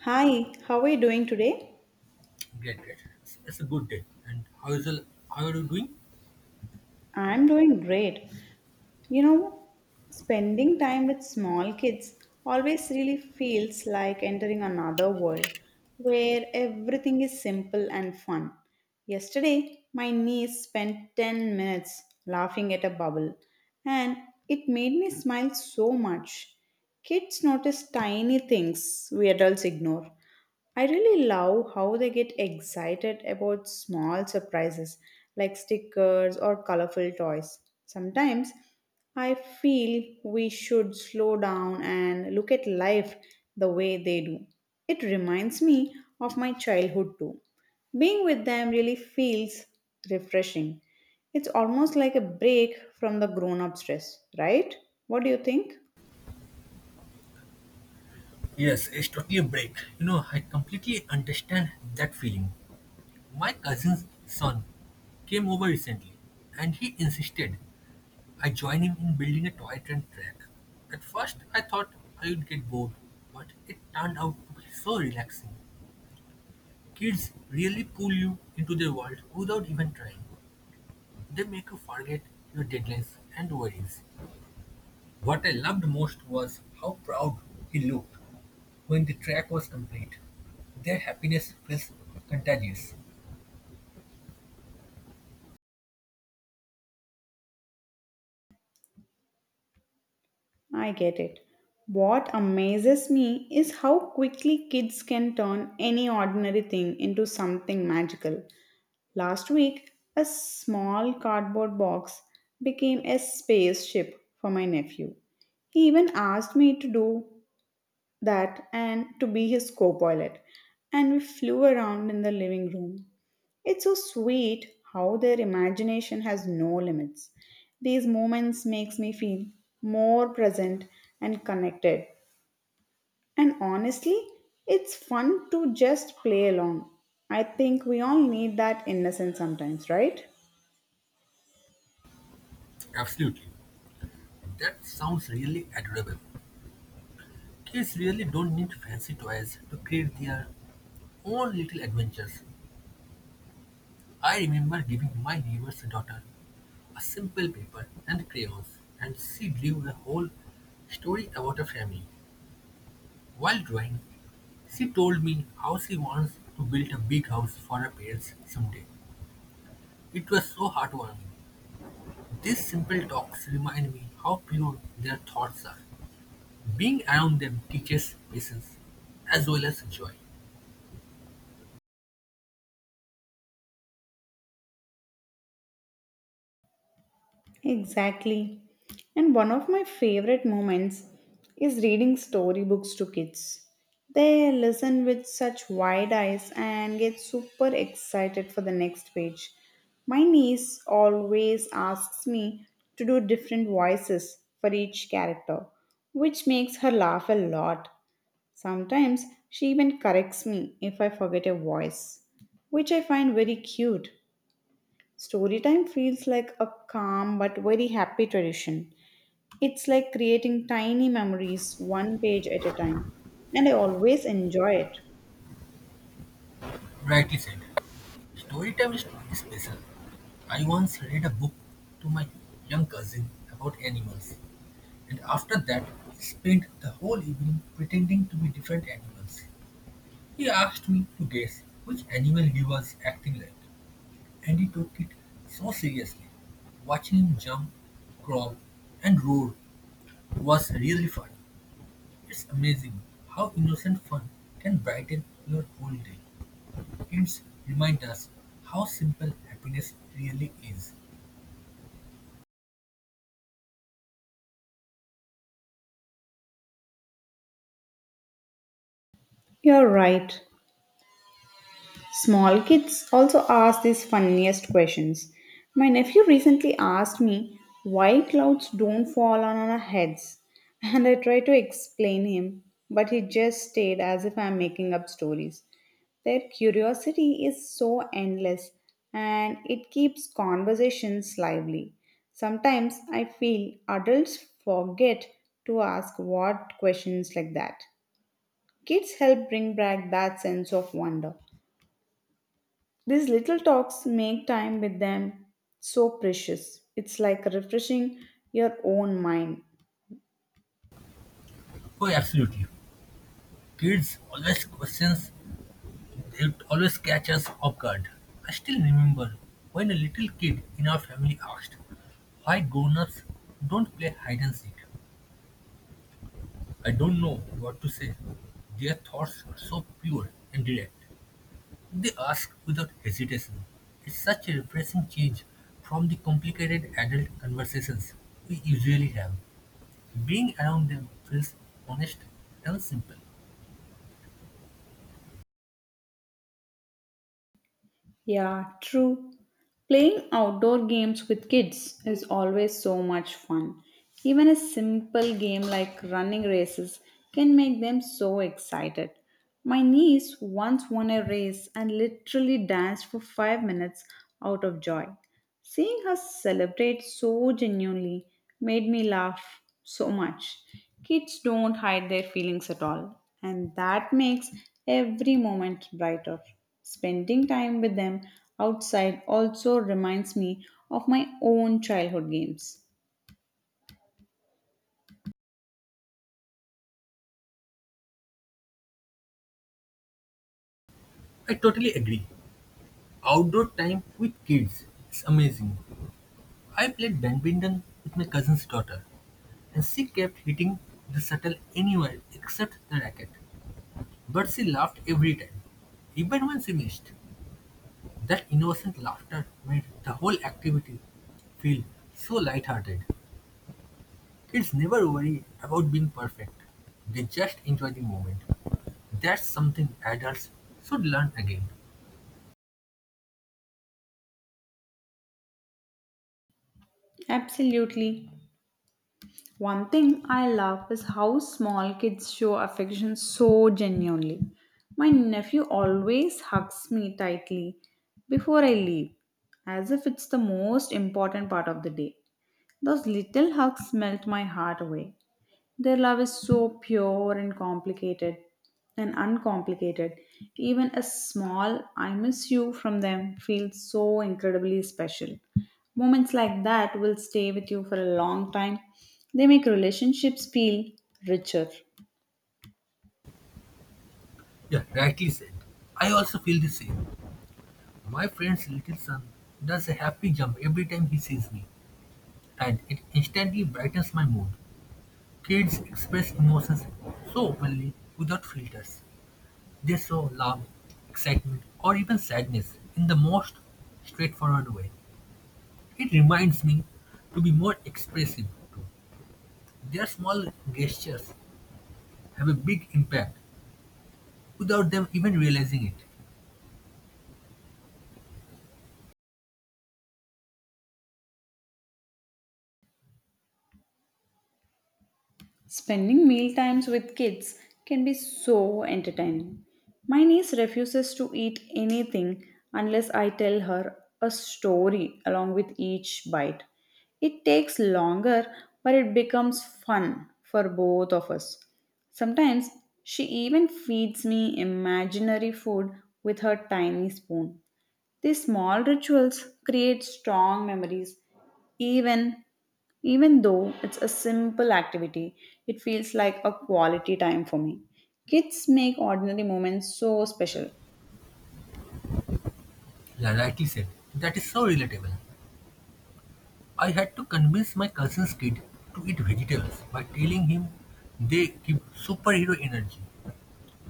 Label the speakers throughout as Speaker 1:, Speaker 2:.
Speaker 1: Hi, how are you doing today?
Speaker 2: Great, great. It's a good day. And how are you doing?
Speaker 1: I'm doing great. You know, spending time with small kids always really feels like entering another world where everything is simple and fun. Yesterday, my niece spent 10 minutes laughing at a bubble, and it made me smile so much. Kids notice tiny things we adults ignore. I really love how they get excited about small surprises like stickers or colorful toys. Sometimes I feel we should slow down and look at life the way they do. It reminds me of my childhood too. Being with them really feels refreshing. It's almost like a break from the grown up stress, right? What do you think?
Speaker 2: Yes, it's totally a break. You know, I completely understand that feeling. My cousin's son came over recently, and he insisted I join him in building a toy train track. At first, I thought I would get bored, but it turned out to be so relaxing. Kids really pull you into their world without even trying. They make you forget your deadlines and worries. What I loved most was how proud he looked when the track was complete. Their happiness was contagious.
Speaker 1: I get it. What amazes me is how quickly kids can turn any ordinary thing into something magical. Last week, a small cardboard box became a spaceship for my nephew. He even asked me to do that and to be his co pilot, and we flew around in the living room. It's so sweet how their imagination has no limits. These moments makes me feel more present and connected. And honestly, it's fun to just play along. I think we all need that innocence sometimes, right?
Speaker 2: Absolutely. That sounds really adorable. Kids really don't need fancy toys to create their own little adventures. I remember giving my neighbor's daughter a simple paper and crayons, and she drew a whole story about her family. While drawing, she told me how she wants to build a big house for her parents someday. It was so heartwarming. These simple talks remind me how pure their thoughts are. Being around them teaches patience as well as joy.
Speaker 1: Exactly. And one of my favorite moments is reading storybooks to kids. They listen with such wide eyes and get super excited for the next page. My niece always asks me to do different voices for each character, which makes her laugh a lot. Sometimes she even corrects me if I forget a voice, which I find very cute. Storytime feels like a calm but very happy tradition. It's like creating tiny memories one page at a time, and I always enjoy it.
Speaker 2: Rightly said. Story time is special. I once read a book to my young cousin about animals, and after that, spent the whole evening pretending to be different animals. He asked me to guess which animal he was acting like, and he took it so seriously. Watching him jump, crawl, and roar was really fun. It's amazing how innocent fun can brighten your whole day. Kids remind us how simple happiness really is.
Speaker 1: You're right. Small kids also ask these funniest questions. My nephew recently asked me why clouds don't fall on our heads, and I tried to explain him, but he just stared as if I'm making up stories. Their curiosity is so endless and it keeps conversations lively. Sometimes I feel adults forget to ask what questions like that. Kids help bring back that sense of wonder. These little talks make time with them so precious. It's like refreshing your own mind.
Speaker 2: Oh, absolutely. Kids always questions, they always catch us off guard. I still remember when a little kid in our family asked why grown-ups don't play hide and seek. I don't know what to say. Their thoughts are so pure and direct. They ask without hesitation. It's such a refreshing change from the complicated adult conversations we usually have. Being around them feels honest and simple.
Speaker 1: Yeah, true. Playing outdoor games with kids is always so much fun. Even a simple game like running races can make them so excited. My niece once won a race and literally danced for 5 minutes out of joy. Seeing her celebrate so genuinely made me laugh so much. Kids don't hide their feelings at all, and that makes every moment brighter. Spending time with them outside also reminds me of my own childhood games.
Speaker 2: I totally agree. Outdoor time with kids is amazing. I played badminton with my cousin's daughter, and she kept hitting the shuttle anywhere except the racket. But she laughed every time, even when she missed. That innocent laughter made the whole activity feel so lighthearted. Kids never worry about being perfect. They just enjoy the moment. That's something adults should learn again.
Speaker 1: Absolutely. One thing I love is how small kids show affection so genuinely. My nephew always hugs me tightly before I leave, as if it's the most important part of the day. Those little hugs melt my heart away. Their love is so pure and complicated and uncomplicated. Even a small I miss you from them feels so incredibly special. Moments like that will stay with you for a long time. They make relationships feel richer.
Speaker 2: Yeah, rightly said. I also feel the same. My friend's little son does a happy jump every time he sees me, and it instantly brightens my mood. Kids express emotions so openly without filters. They show love, excitement, or even sadness in the most straightforward way. It reminds me to be more expressive too. Their small gestures have a big impact without them even realizing it.
Speaker 1: Spending meal times with kids can be so entertaining. My niece refuses to eat anything unless I tell her a story along with each bite. It takes longer, but it becomes fun for both of us. Sometimes she even feeds me imaginary food with her tiny spoon. These small rituals create strong memories even even though it's a simple activity, it feels like a quality time for me. Kids make ordinary moments so special.
Speaker 2: Yeah, rightly said. That is so relatable. I had to convince my cousin's kid to eat vegetables by telling him they give superhero energy.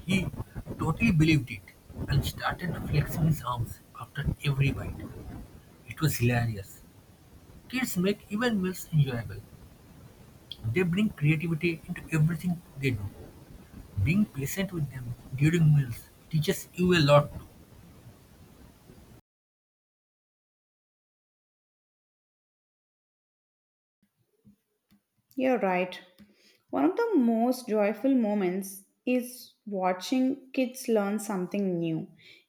Speaker 2: He totally believed it and started flexing his arms after every bite. It was hilarious. Kids make even meals enjoyable. They bring creativity into everything they do. Being patient with them during meals teaches you a lot.
Speaker 1: You're right. One of the most joyful moments is watching kids learn something new.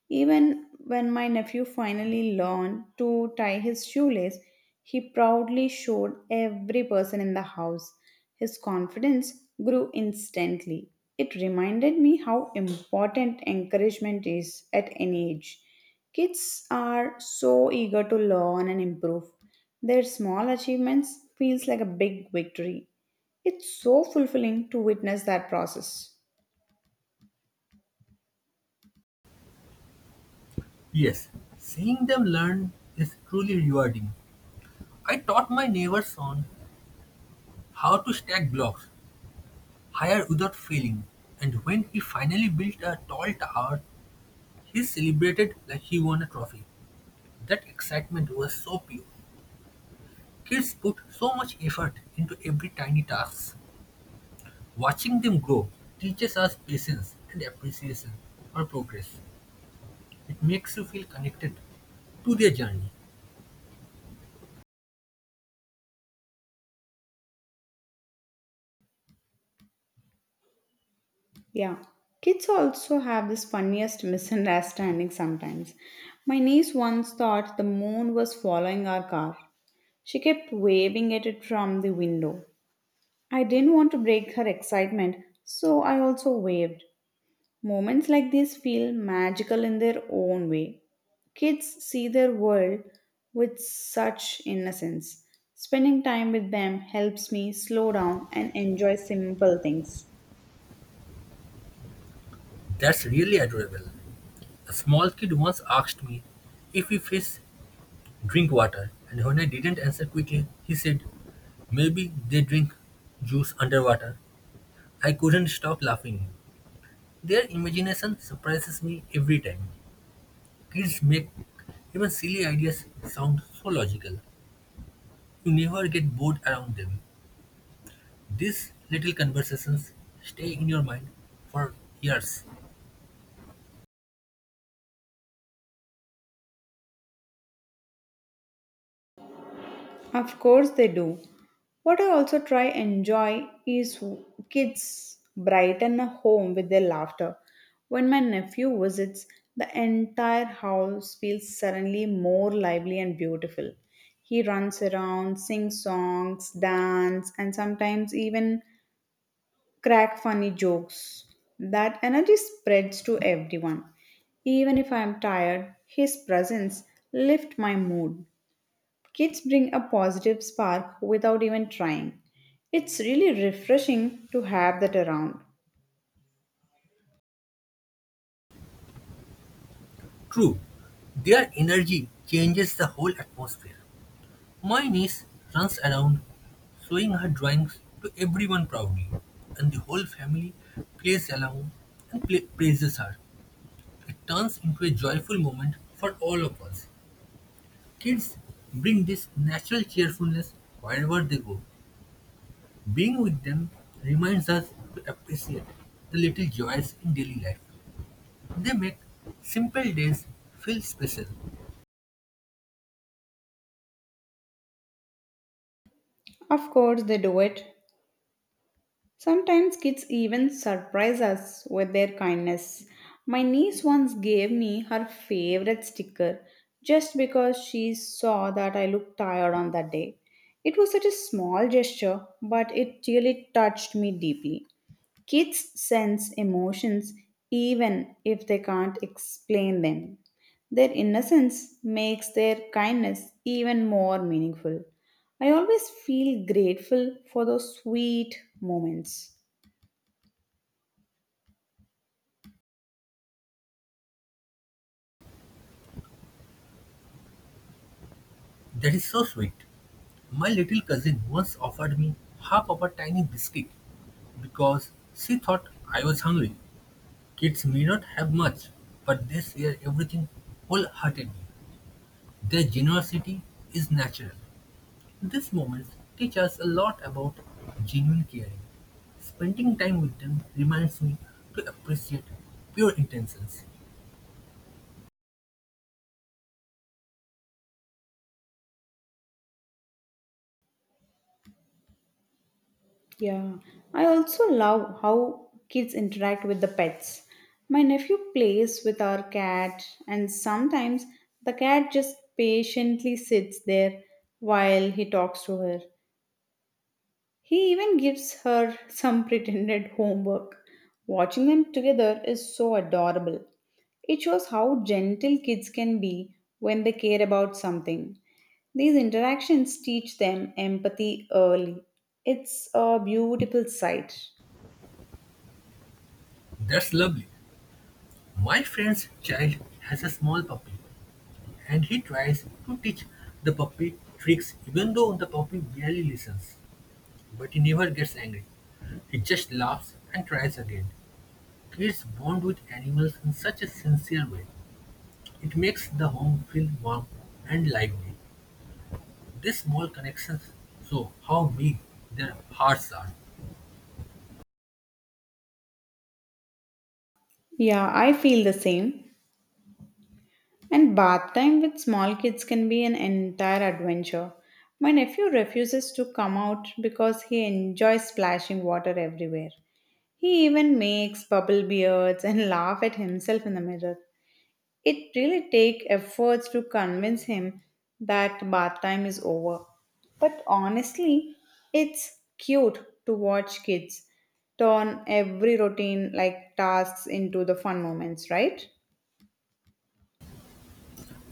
Speaker 1: Even when my nephew finally learned to tie his shoelace, he proudly showed every person in the house. His confidence grew instantly. It reminded me how important encouragement is at any age. Kids are so eager to learn and improve. Their small achievements feels like a big victory. It's so fulfilling to witness that process.
Speaker 2: Yes, seeing them learn is truly rewarding. I taught my neighbor son how to stack blocks higher without failing, and when he finally built a tall tower, he celebrated like he won a trophy. That excitement was so pure. Kids put so much effort into every tiny task. Watching them grow teaches us patience and appreciation for progress. It makes you feel connected to their journey.
Speaker 1: Yeah. Kids also have this funniest misunderstanding sometimes. My niece once thought the moon was following our car. She kept waving at it from the window. I didn't want to break her excitement, so I also waved. Moments like these feel magical in their own way. Kids see their world with such innocence. Spending time with them helps me slow down and enjoy simple things.
Speaker 2: That's really adorable. A small kid once asked me if we fish drink water, and when I didn't answer quickly, he said, "Maybe they drink juice underwater." I couldn't stop laughing. Their imagination surprises me every time. Kids make even silly ideas sound so logical. You never get bored around them. These little conversations stay in your mind for years.
Speaker 1: Of course they do. What I also try enjoy is kids brighten a home with their laughter. When my nephew visits, the entire house feels suddenly more lively and beautiful. He runs around, sings songs, dance, and sometimes even crack funny jokes. That energy spreads to everyone. Even if I am tired, his presence lifts my mood. Kids bring a positive spark without even trying. It's really refreshing to have that around.
Speaker 2: True, their energy changes the whole atmosphere. My niece runs around showing her drawings to everyone proudly, and the whole family plays along and pla praises her. It turns into a joyful moment for all of us. Kids bring this natural cheerfulness wherever they go. Being with them reminds us to appreciate the little joys in daily life. They make simple days feel special.
Speaker 1: Of course, they do it. Sometimes kids even surprise us with their kindness. My niece once gave me her favorite sticker just because she saw that I looked tired on that day. It was such a small gesture, but it really touched me deeply. Kids sense emotions even if they can't explain them. Their innocence makes their kindness even more meaningful. I always feel grateful for those sweet moments.
Speaker 2: That is so sweet. My little cousin once offered me half of a tiny biscuit because she thought I was hungry. Kids may not have much, but they share everything wholeheartedly. Their generosity is natural. These moments teach us a lot about genuine caring. Spending time with them reminds me to appreciate pure intentions.
Speaker 1: Yeah, I also love how kids interact with the pets. My nephew plays with our cat, and sometimes the cat just patiently sits there while he talks to her. He even gives her some pretended homework. Watching them together is so adorable. It shows how gentle kids can be when they care about something. These interactions teach them empathy early. It's a beautiful sight.
Speaker 2: That's lovely. My friend's child has a small puppy, and he tries to teach the puppy tricks even though the puppy barely listens. But he never gets angry. He just laughs and tries again. Kids bond with animals in such a sincere way. It makes the home feel warm and lively. These small connections show how big their hearts are.
Speaker 1: Yeah, I feel the same. And bath time with small kids can be an entire adventure. My nephew refuses to come out because he enjoys splashing water everywhere. He even makes bubble beards and laugh at himself in the mirror. It really takes efforts to convince him that bath time is over. But honestly, it's cute to watch kids turn every routine like tasks into the fun moments, right?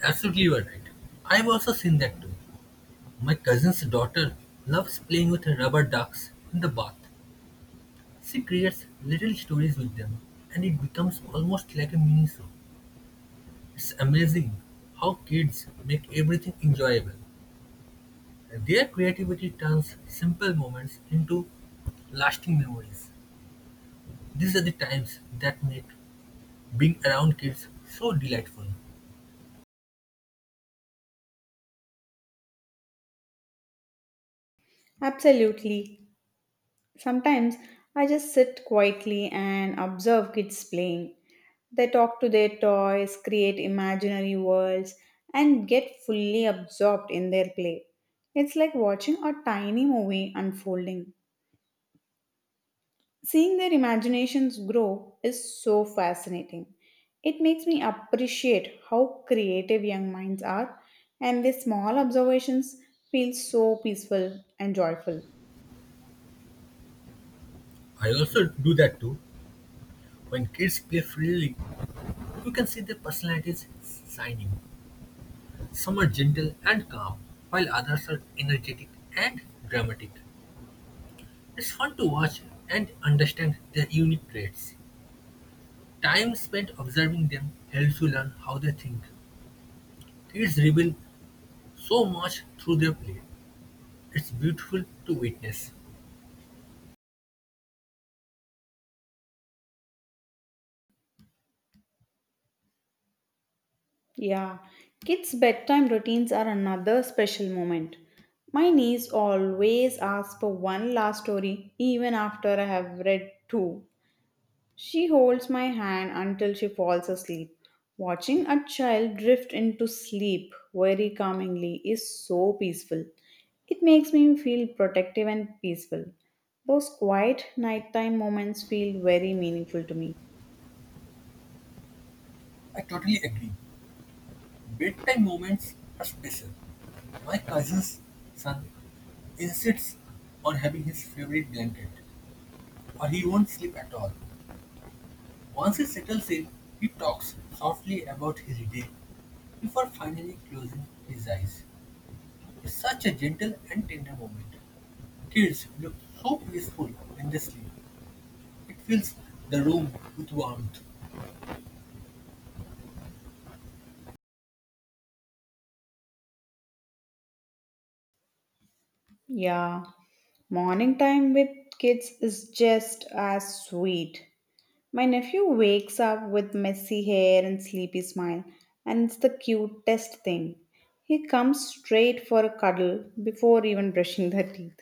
Speaker 2: Absolutely, you are right. I've also seen that too. My cousin's daughter loves playing with her rubber ducks in the bath. She creates little stories with them, and it becomes almost like a mini-show. It's amazing how kids make everything enjoyable. Their creativity turns simple moments into lasting memories. These are the times that make being around kids so delightful.
Speaker 1: Absolutely. Sometimes I just sit quietly and observe kids playing. They talk to their toys, create imaginary worlds, and get fully absorbed in their play. It's like watching a tiny movie unfolding. Seeing their imaginations grow is so fascinating. It makes me appreciate how creative young minds are, and their small observations feel so peaceful and joyful.
Speaker 2: I also do that too. When kids play freely, you can see their personalities shining. Some are gentle and calm, while others are energetic and dramatic. It's fun to watch and understand their unique traits. Time spent observing them helps you learn how they think. Kids reveal so much through their play. It's beautiful to witness.
Speaker 1: Yeah, kids' bedtime routines are another special moment. My niece always asks for one last story even after I have read two. She holds my hand until she falls asleep. Watching a child drift into sleep very calmingly is so peaceful. It makes me feel protective and peaceful. Those quiet nighttime moments feel very meaningful to me.
Speaker 2: I totally agree. Bedtime moments are special. My cousin's son insists on having his favorite blanket, or he won't sleep at all. Once he settles in, he talks softly about his day before finally closing his eyes. Is Such a gentle and tender moment. Kids look so peaceful when they sleep. It fills the room with warmth.
Speaker 1: Yeah. Morning time with kids is just as sweet. My nephew wakes up with messy hair and sleepy smile, and it's the cutest thing. He comes straight for a cuddle before even brushing their teeth.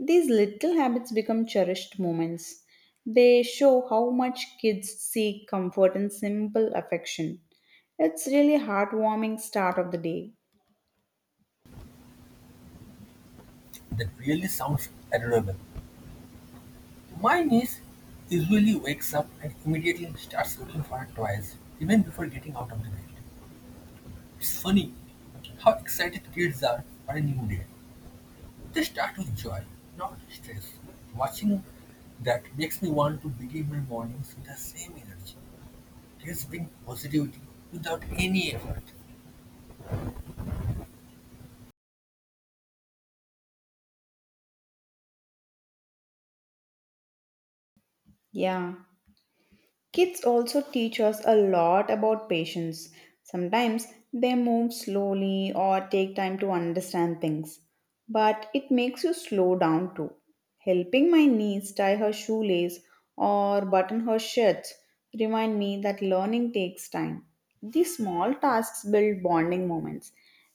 Speaker 1: These little habits become cherished moments. They show how much kids seek comfort and simple affection. It's really heartwarming start of the day.
Speaker 2: That really sounds adorable. My niece usually wakes up and immediately starts looking for her toys, even before getting out of the bed. It's funny how excited kids are for a new day. They start with joy, not stress. Watching that makes me want to begin my mornings with the same energy. Kids bring positivity without any effort.
Speaker 1: Yeah. Kids also teach us a lot about patience. Sometimes they move slowly or take time to understand things, but it makes you slow down too. Helping my niece tie her shoelace or button her shirt remind me that learning takes time. These small tasks build bonding moments.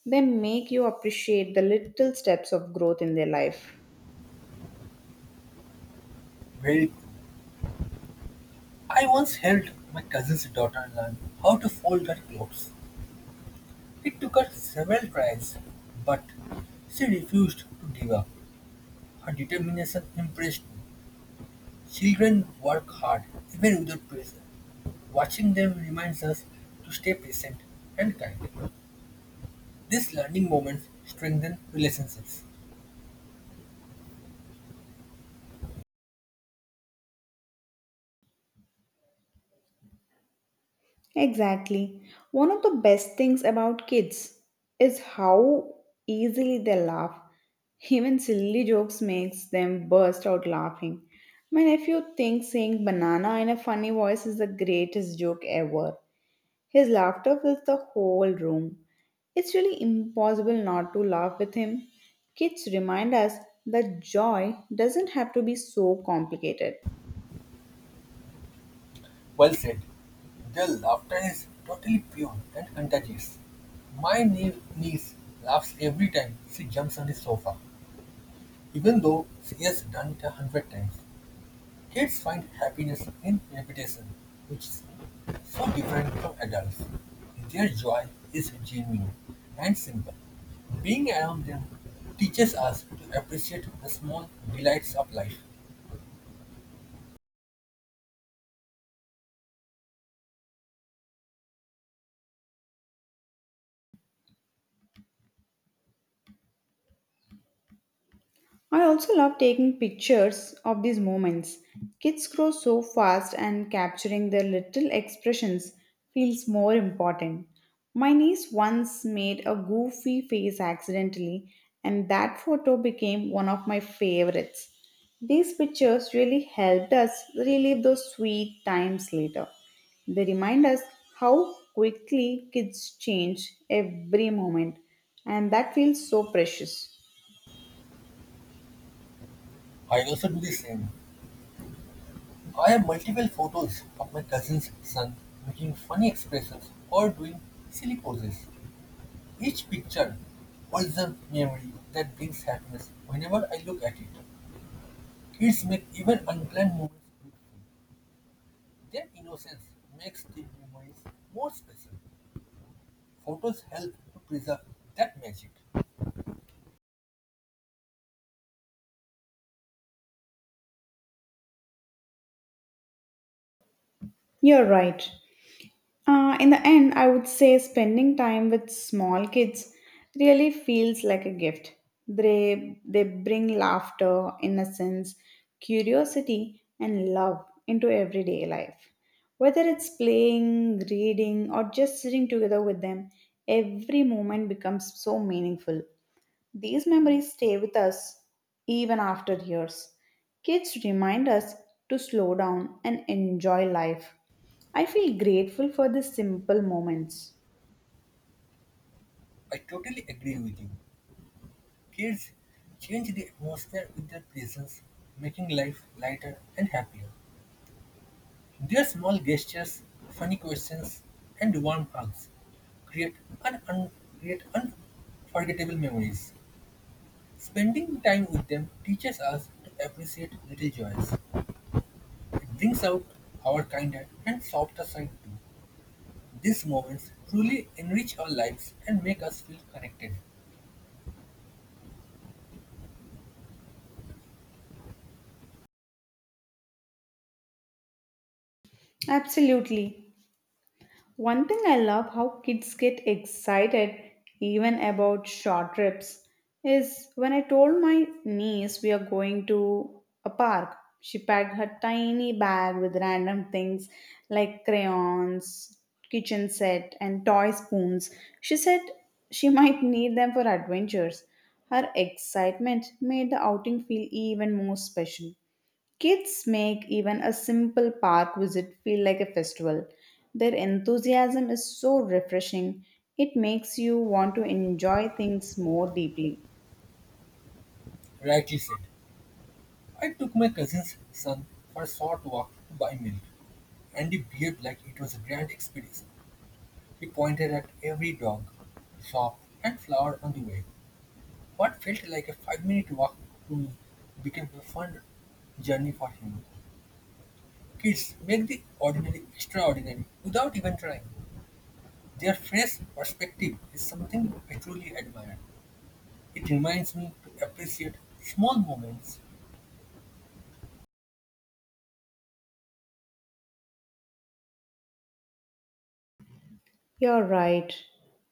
Speaker 1: They make you appreciate the little steps of growth in their life.
Speaker 2: Well, I once helped my cousin's daughter learn how to fold her clothes. It took her several tries, but she refused to give up. Her determination impressed me. Children work hard, even under pressure. Watching them reminds us to stay patient and kind. These learning moments strengthen relationships.
Speaker 1: Exactly. One of the best things about kids is how easily they laugh. Even silly jokes makes them burst out laughing. My nephew thinks saying banana in a funny voice is the greatest joke ever. His laughter fills the whole room. It's really impossible not to laugh with him. Kids remind us that joy doesn't have to be so complicated.
Speaker 2: Well said. Their laughter is totally pure and contagious. My niece laughs every time she jumps on the sofa. Even though she has done it a hundred times, kids find happiness in repetition, which is so different from adults. Their joy is genuine and simple. Being around them teaches us to appreciate the small delights of life.
Speaker 1: I also love taking pictures of these moments. Kids grow so fast, and capturing their little expressions feels more important. My niece once made a goofy face accidentally, and that photo became one of my favorites. These pictures really helped us relive those sweet times later. They remind us how quickly kids change every moment, and that feels so precious.
Speaker 2: I also do the same. I have multiple photos of my cousin's son making funny expressions or doing silly poses. Each picture holds a memory that brings happiness whenever I look at it. Kids make even unplanned moments with their innocence makes the memories more special. Photos help to preserve that magic.
Speaker 1: You're right. In the end, I would say spending time with small kids really feels like a gift. They bring laughter, innocence, curiosity, and love into everyday life. Whether it's playing, reading, or just sitting together with them, every moment becomes so meaningful. These memories stay with us even after years. Kids remind us to slow down and enjoy life. I feel grateful for the simple moments.
Speaker 2: I totally agree with you. Kids change the atmosphere with their presence, making life lighter and happier. Their small gestures, funny questions, and warm hugs create un- un- create unforgettable memories. Spending time with them teaches us to appreciate little joys. It brings out our kinder and softer side too. These moments truly enrich our lives and make us feel connected.
Speaker 1: Absolutely. One thing I love how kids get excited even about short trips is when I told my niece we are going to a park. She packed her tiny bag with random things like crayons, kitchen set, and toy spoons. She said she might need them for adventures. Her excitement made the outing feel even more special. Kids make even a simple park visit feel like a festival. Their enthusiasm is so refreshing, it makes you want to enjoy things more deeply.
Speaker 2: Rightly said. I took my cousin's son for a short walk to buy milk, and he behaved like it was a grand expedition. He pointed at every dog, shop, and flower on the way. What felt like a 5-minute walk to me became a fun journey for him. Kids make the ordinary extraordinary without even trying. Their fresh perspective is something I truly admire. It reminds me to appreciate small moments.
Speaker 1: You're right.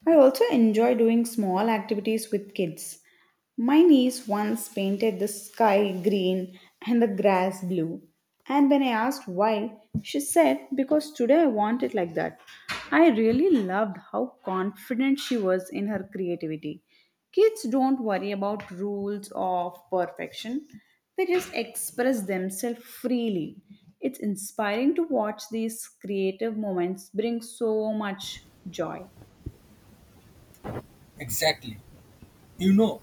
Speaker 1: I also enjoy doing small activities with kids. My niece once painted the sky green and the grass blue. And when I asked why, she said, because today I want it like that. I really loved how confident she was in her creativity. Kids don't worry about rules of perfection, they just express themselves freely. It's inspiring to watch these creative moments bring so much joy.
Speaker 2: Exactly. You know,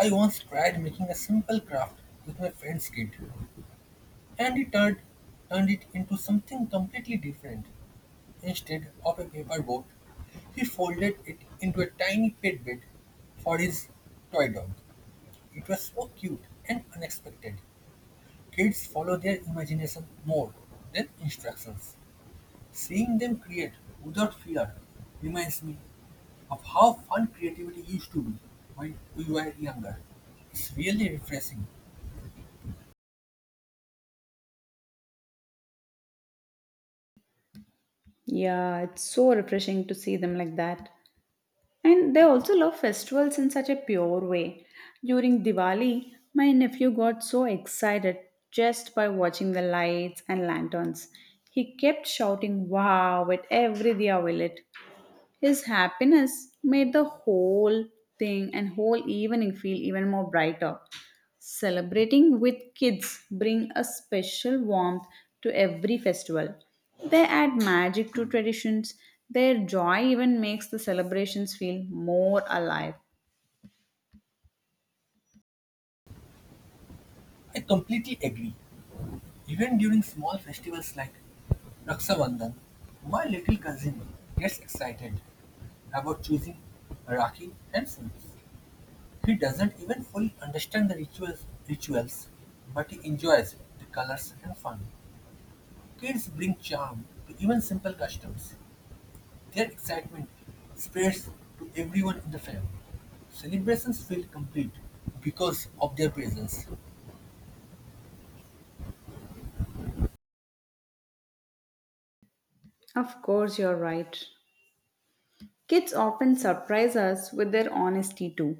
Speaker 2: I once tried making a simple craft with my friend's kid, and turned it into something completely different. Instead of a paper boat, he folded it into a tiny pet bed for his toy dog. It was so cute and unexpected. Kids follow their imagination more than instructions. Seeing them create without fear reminds me of how fun creativity used to be when we were younger. It's really refreshing.
Speaker 1: Yeah, it's so refreshing to see them like that. And they also love festivals in such a pure way. During Diwali, my nephew got so excited just by watching the lights and lanterns. He kept shouting wow at every Diya we lit. His happiness made the whole thing and whole evening feel even more brighter. Celebrating with kids bring a special warmth to every festival. They add magic to traditions. Their joy even makes the celebrations feel more alive.
Speaker 2: I completely agree. Even during small festivals like Raksha Bandhan, my little cousin gets excited about choosing Rakhi and sweets. He doesn't even fully understand rituals, but he enjoys the colors and fun. Kids bring charm to even simple customs. Their excitement spreads to everyone in the family. Celebrations feel complete because of their presence.
Speaker 1: Of course, you're right. Kids often surprise us with their honesty too.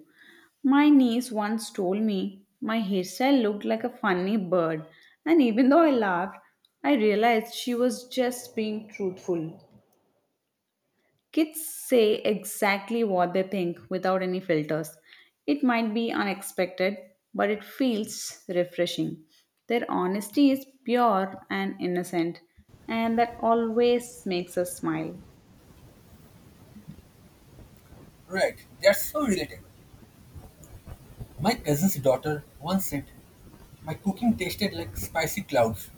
Speaker 1: My niece once told me my hairstyle looked like a funny bird, and even though I laughed, I realized she was just being truthful. Kids say exactly what they think without any filters. It might be unexpected, but it feels refreshing. Their honesty is pure and innocent, and that always makes us smile.
Speaker 2: Right, that's so relatable. My cousin's daughter once said, "My cooking tasted like spicy clouds,"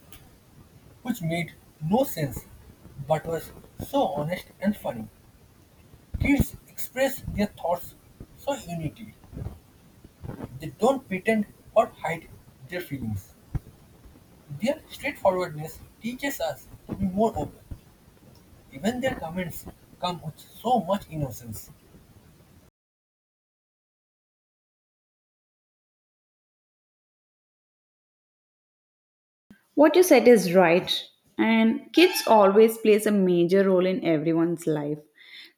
Speaker 2: which made no sense but was so honest and funny. Kids express their thoughts so uniquely. They don't pretend or hide their feelings. Their straightforwardness teaches us to be more open. Even their comments come with so much innocence.
Speaker 1: What you said is right, and kids always plays a major role in everyone's life.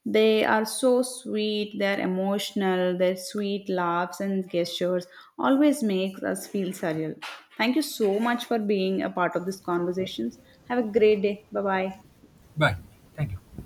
Speaker 1: They are so sweet, they're emotional, their sweet laughs and gestures always makes us feel surreal. Thank you so much for being a part of this conversations. Have a great day. Bye bye.
Speaker 2: Bye. Thank you.